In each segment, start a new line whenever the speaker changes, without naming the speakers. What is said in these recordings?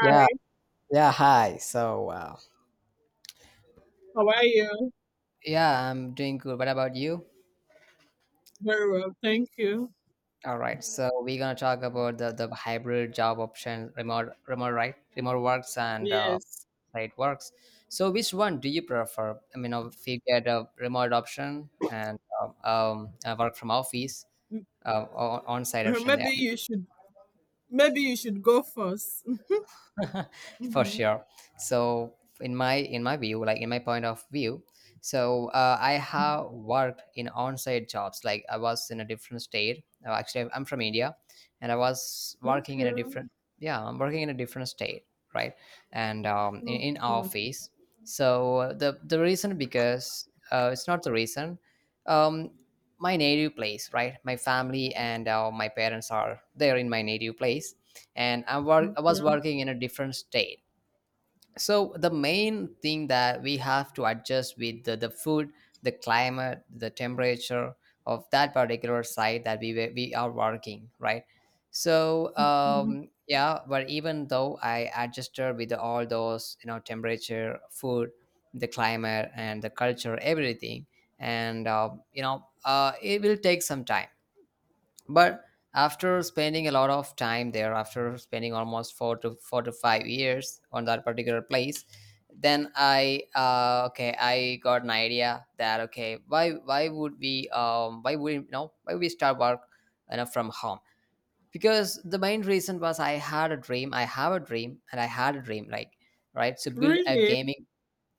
Yeah, yeah, hi. So,
how are you?
yeah, I'm doing good. What about you?
Very well, thank you.
All right. So we're gonna talk about the hybrid job option, remote, right? Remote works and
Yes.
site works. So which one do you prefer? I mean, if you get a remote option and work from office, uh, on site option.
Maybe
Yeah.
you should maybe you should go first.
For
Hmm.
sure. So in my view, like, in my point of view. So I have worked in on-site jobs. Like, I was in a different state. Uh, actually, I'm from India, and I was working in a
Okay.
different. Yeah, I'm working in a different state, right? And in
Okay.
office. So the reason, because it's not the reason. um, my native place, right? My family and my parents are there in my native place, and I
Okay.
was working in a different state. So the main thing that we have to adjust with the food, the climate, the temperature of that particular site that we are working, right? So
Mm.
yeah, but even though I adjusted with all those, temperature, food, the climate, and the culture, everything. And it will take some time. But after spending a lot of time there, after spending almost four to five years on that particular place, then I okay, I got an idea that, okay, why would we, why would, why would we start work, you know, from home. Because the main reason was, I had a dream, I have a dream, and I had a dream, like, right, so build a
Really?
gaming.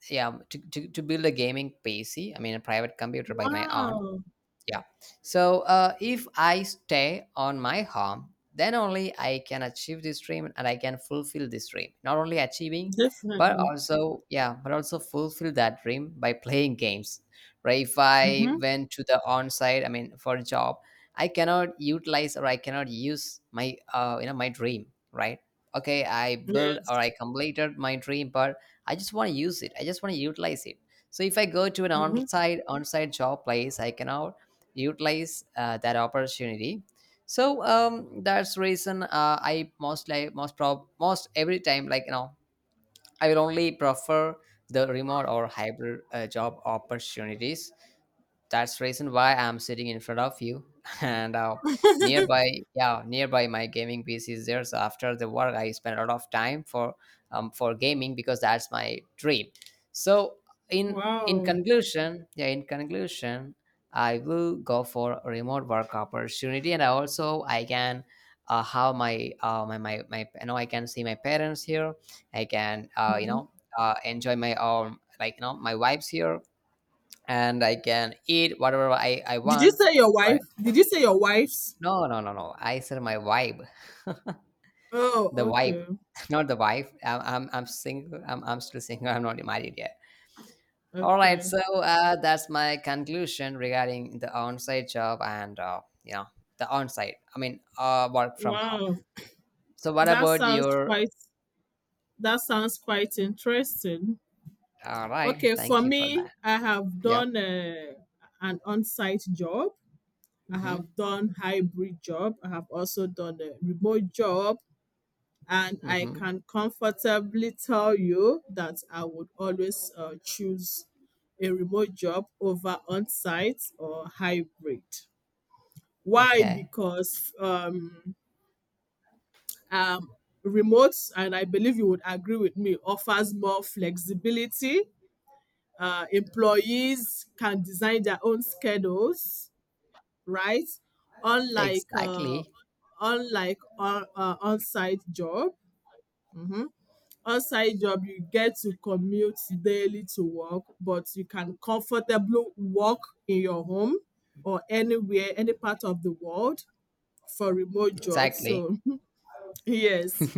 Yeah, to build a gaming PC. I mean, a private computer, by my own.
Wow.
Yeah. So if I stay on my home, then only I can achieve this dream, and I can fulfill this dream. Not only achieving, but
Definitely.
also, yeah, but also fulfill that dream by playing games. Right? If I
Mm-hmm.
went to the on-site, I mean, for a job, I cannot utilize or I cannot use my my dream. Right? Okay, I built or
Yes.
I completed my dream, but I just want to use it. I just want to utilize it. So if I go to an
Mm-hmm.
on-site job place, I cannot utilize that opportunity. So that's reason. Uh, I mostly, most, every time, like, you know, I will only prefer the remote or hybrid job opportunities. That's the reason why I'm sitting in front of you and nearby. Yeah, nearby my gaming PC is there. So after the work, I spend a lot of time for gaming, because that's my dream. So in
Wow.
conclusion yeah, in conclusion, I will go for remote work opportunity. And I also, I can have my you know, I can see my parents here. I can
Mm-hmm.
enjoy my like, you know, my vibes here, and I can eat whatever I
Did you
want,
say your wife?
right?
Did you say your wife's?
No, no, no, no. I said my vibe,
Oh,
the vibe,
okay.
not the wife. I'm single. I'm still single. I'm not married yet. All right.
Okay.
So that's my conclusion regarding the on-site job and, you know, the on-site. I mean, work from home.
Wow.
So what
That
about
sounds
your?
quite that sounds quite interesting.
All right.
Okay, for
Thank you for
me,
that.
I have
Yep.
done an on-site job. I
Mm-hmm.
have done hybrid job. I have also done a remote job, and I
Mm-hmm.
can comfortably tell you that I would always choose a remote job over on-site or hybrid. Why?
Okay.
Because um, remote, and I believe you would agree with me, offers more flexibility. Employees can design their own schedules, right? Unlike uh,
Exactly.
unlike on on-site job. Hmm. On-site job, you get to commute daily to work, but you can comfortably work in your home or anywhere, any part of the world for remote jobs.
Exactly.
So yes.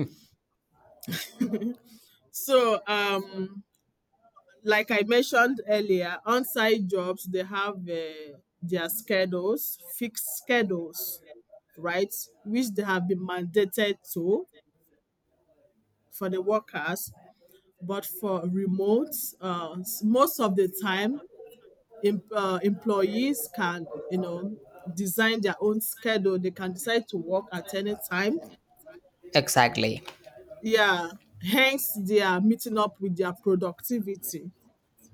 So like I mentioned earlier, on-site jobs they have their schedules, fixed schedules, right, which they have been mandated to for the workers. But for remote, most of the time, employees can design their own schedule. They can decide to work at any time.
Exactly.
Yeah, hence they are meeting up with their productivity.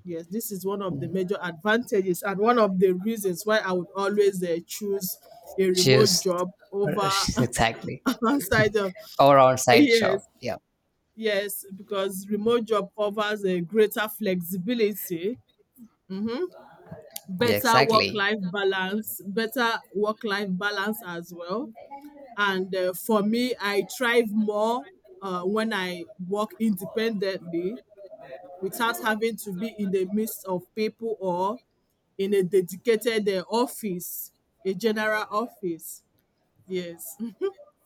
Yes, this is one of the major advantages and one of the reasons why I would always choose a remote
Just,
job over,
exactly.
outside of.
Or on side
Yes,
shop. Yeah.
yes, because remote job offers a greater flexibility, mhm,
Yeah,
better work
exactly.
life balance, better work life balance as well. And for me, I thrive more when I work independently without having to be in the midst of people or in a dedicated office, a general office. Yes.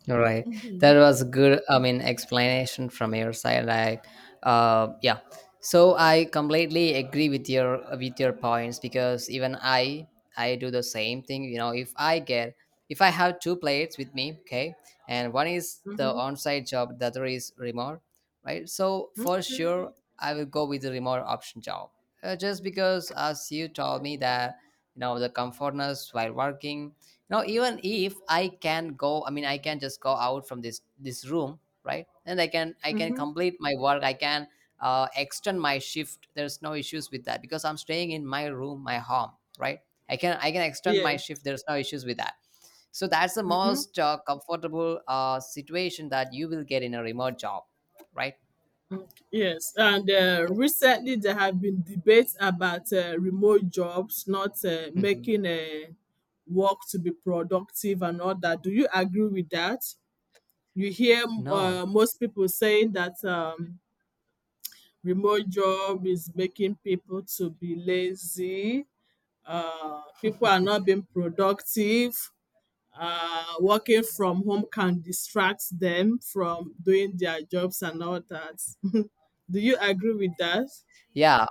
All right.
Mm-hmm.
That was good, I mean, explanation from your side. Yeah. So I completely agree with your points, because even I do the same thing. You know, if I get, if I have two plates with me, okay, and one is the
Mm-hmm.
on-site job, the other is remote, right? So for
Okay.
sure, I will go with the remote option job, just because, as you told me, that you know the comfortness while working. Now, even if I can go, I mean, I can just go out from this room, right? And I can
Mm-hmm.
complete my work. I can extend my shift. There's no issues with that because I'm staying in my room, my home, right? I can extend my
Yes.
shift. There's no issues with that. So that's the
Mm-hmm.
most comfortable situation that you will get in a remote job, right?
Yes. And
Yes.
recently, there have been debates about remote jobs not
Mhm.
making work to be productive and all that. Do you agree with that? You hear
No.
most people saying that remote job is making people to be lazy. People are not being productive. Working from home can distract them from doing their jobs and all that. Do you agree with that?
Yeah,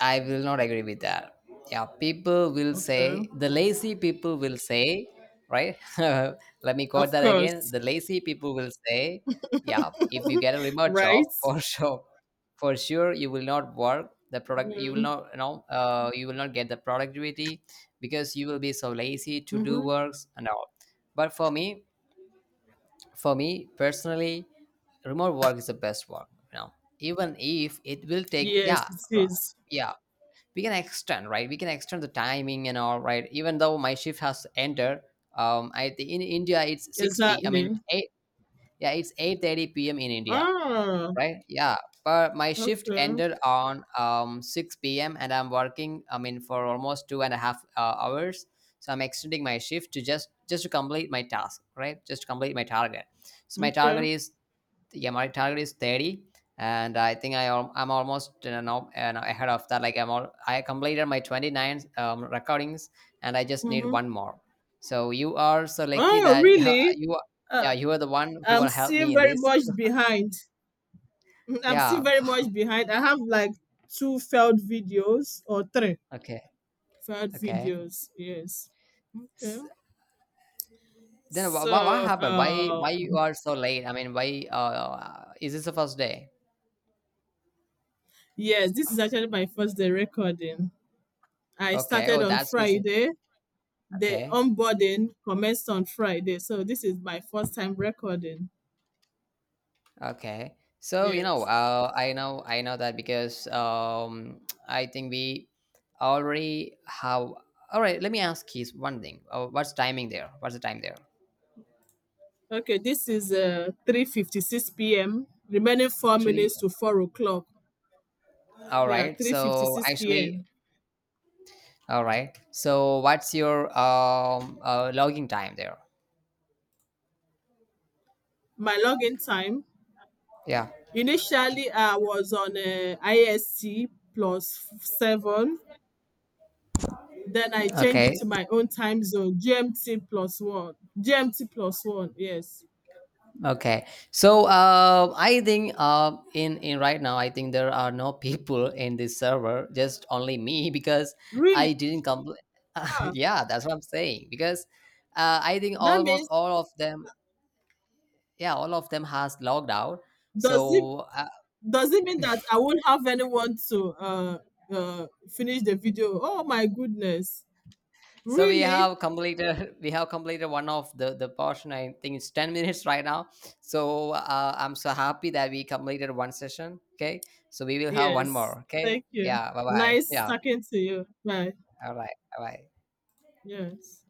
I will not agree with that. Yeah, people will say,
Okay,
the lazy people will say, right? Let me quote
of
that again.
course,
The lazy people will say, yeah, if you get a remote job,
right?
for sure, you will not work the product, you will
Mm-hmm.
not, you know, you will not get the productivity, because you will be so lazy to do
Mm-hmm.
works and all. But for me personally, remote work is the best work, you know. Even if it will take,
Yes,
yeah,
it
ri-
is
yeah, we can extend the timing and all, right? Even though my shift has ended, I think in India it's 6 p I mean
exactly.
8. Yeah, it's 8:30 p.m. in India,
Ah,
right? Yeah. But my shift
okay,
ended on 6 p.m., and I'm working, I mean, for almost two and a half hours. So I'm extending my shift to just to complete my task, right? Just to complete my target. So my
okay.
target is, yeah, my target is 30. And I think I am, I'm almost, you know, now- and ahead of that. Like, I'm all, I completed my 29 recordings, and I just need
Mm-hmm.
one more. So you are so lucky
Oh,
that
really?
you are, yeah,
Uh,
you are the one who
I'm
will help
still
me in
very
this.
much behind. I'm still
Yeah.
very much behind. I have like two failed videos or three.
Okay.
Sad
Okay.
videos, yes. Okay.
S-, then what
So,
happened? Why you are so late? I mean, why, is this the first day?
yes, this is actually my first day recording. I
Okay.
started
Oh,
on
that's reason.
Friday. The
Okay.
onboarding commenced on Friday. So this is my first time recording.
Okay. So, you know,
Yes.
I know, I know that, because I think we already have. All right, let me ask you one thing. What's timing there? What's the time there?
Okay, this is 3:56 p.m. Remaining four
3.
minutes to 4 o'clock.
All
Yeah,
right. So,
3:56
actually,
p.m.
all right. So, what's your logging time there?
My login time.
Yeah.
Initially, I was on IST plus seven. Then I change it
Okay.
to my own time zone, GMT plus one. GMT plus one, yes.
Okay, so I think, in, right now, I think there are no people in this server, just only me, because
Really?
I didn't complete.
Ah,
Yeah, that's what I'm saying, because I think
that
almost
means
all of them, yeah, all of them has logged out.
does it
So
does it mean that I won't have anyone to finish the video? Oh my goodness.
so we
Really?
have completed we have completed one of the portion. I think it's 10 minutes right now. So I'm so happy that we completed one session. Okay, so we will have one
Yes.
more. Okay,
Thank you.
yeah, bye bye.
Nice
Yeah.
talking to you. Bye.
All right. All right.
Yes.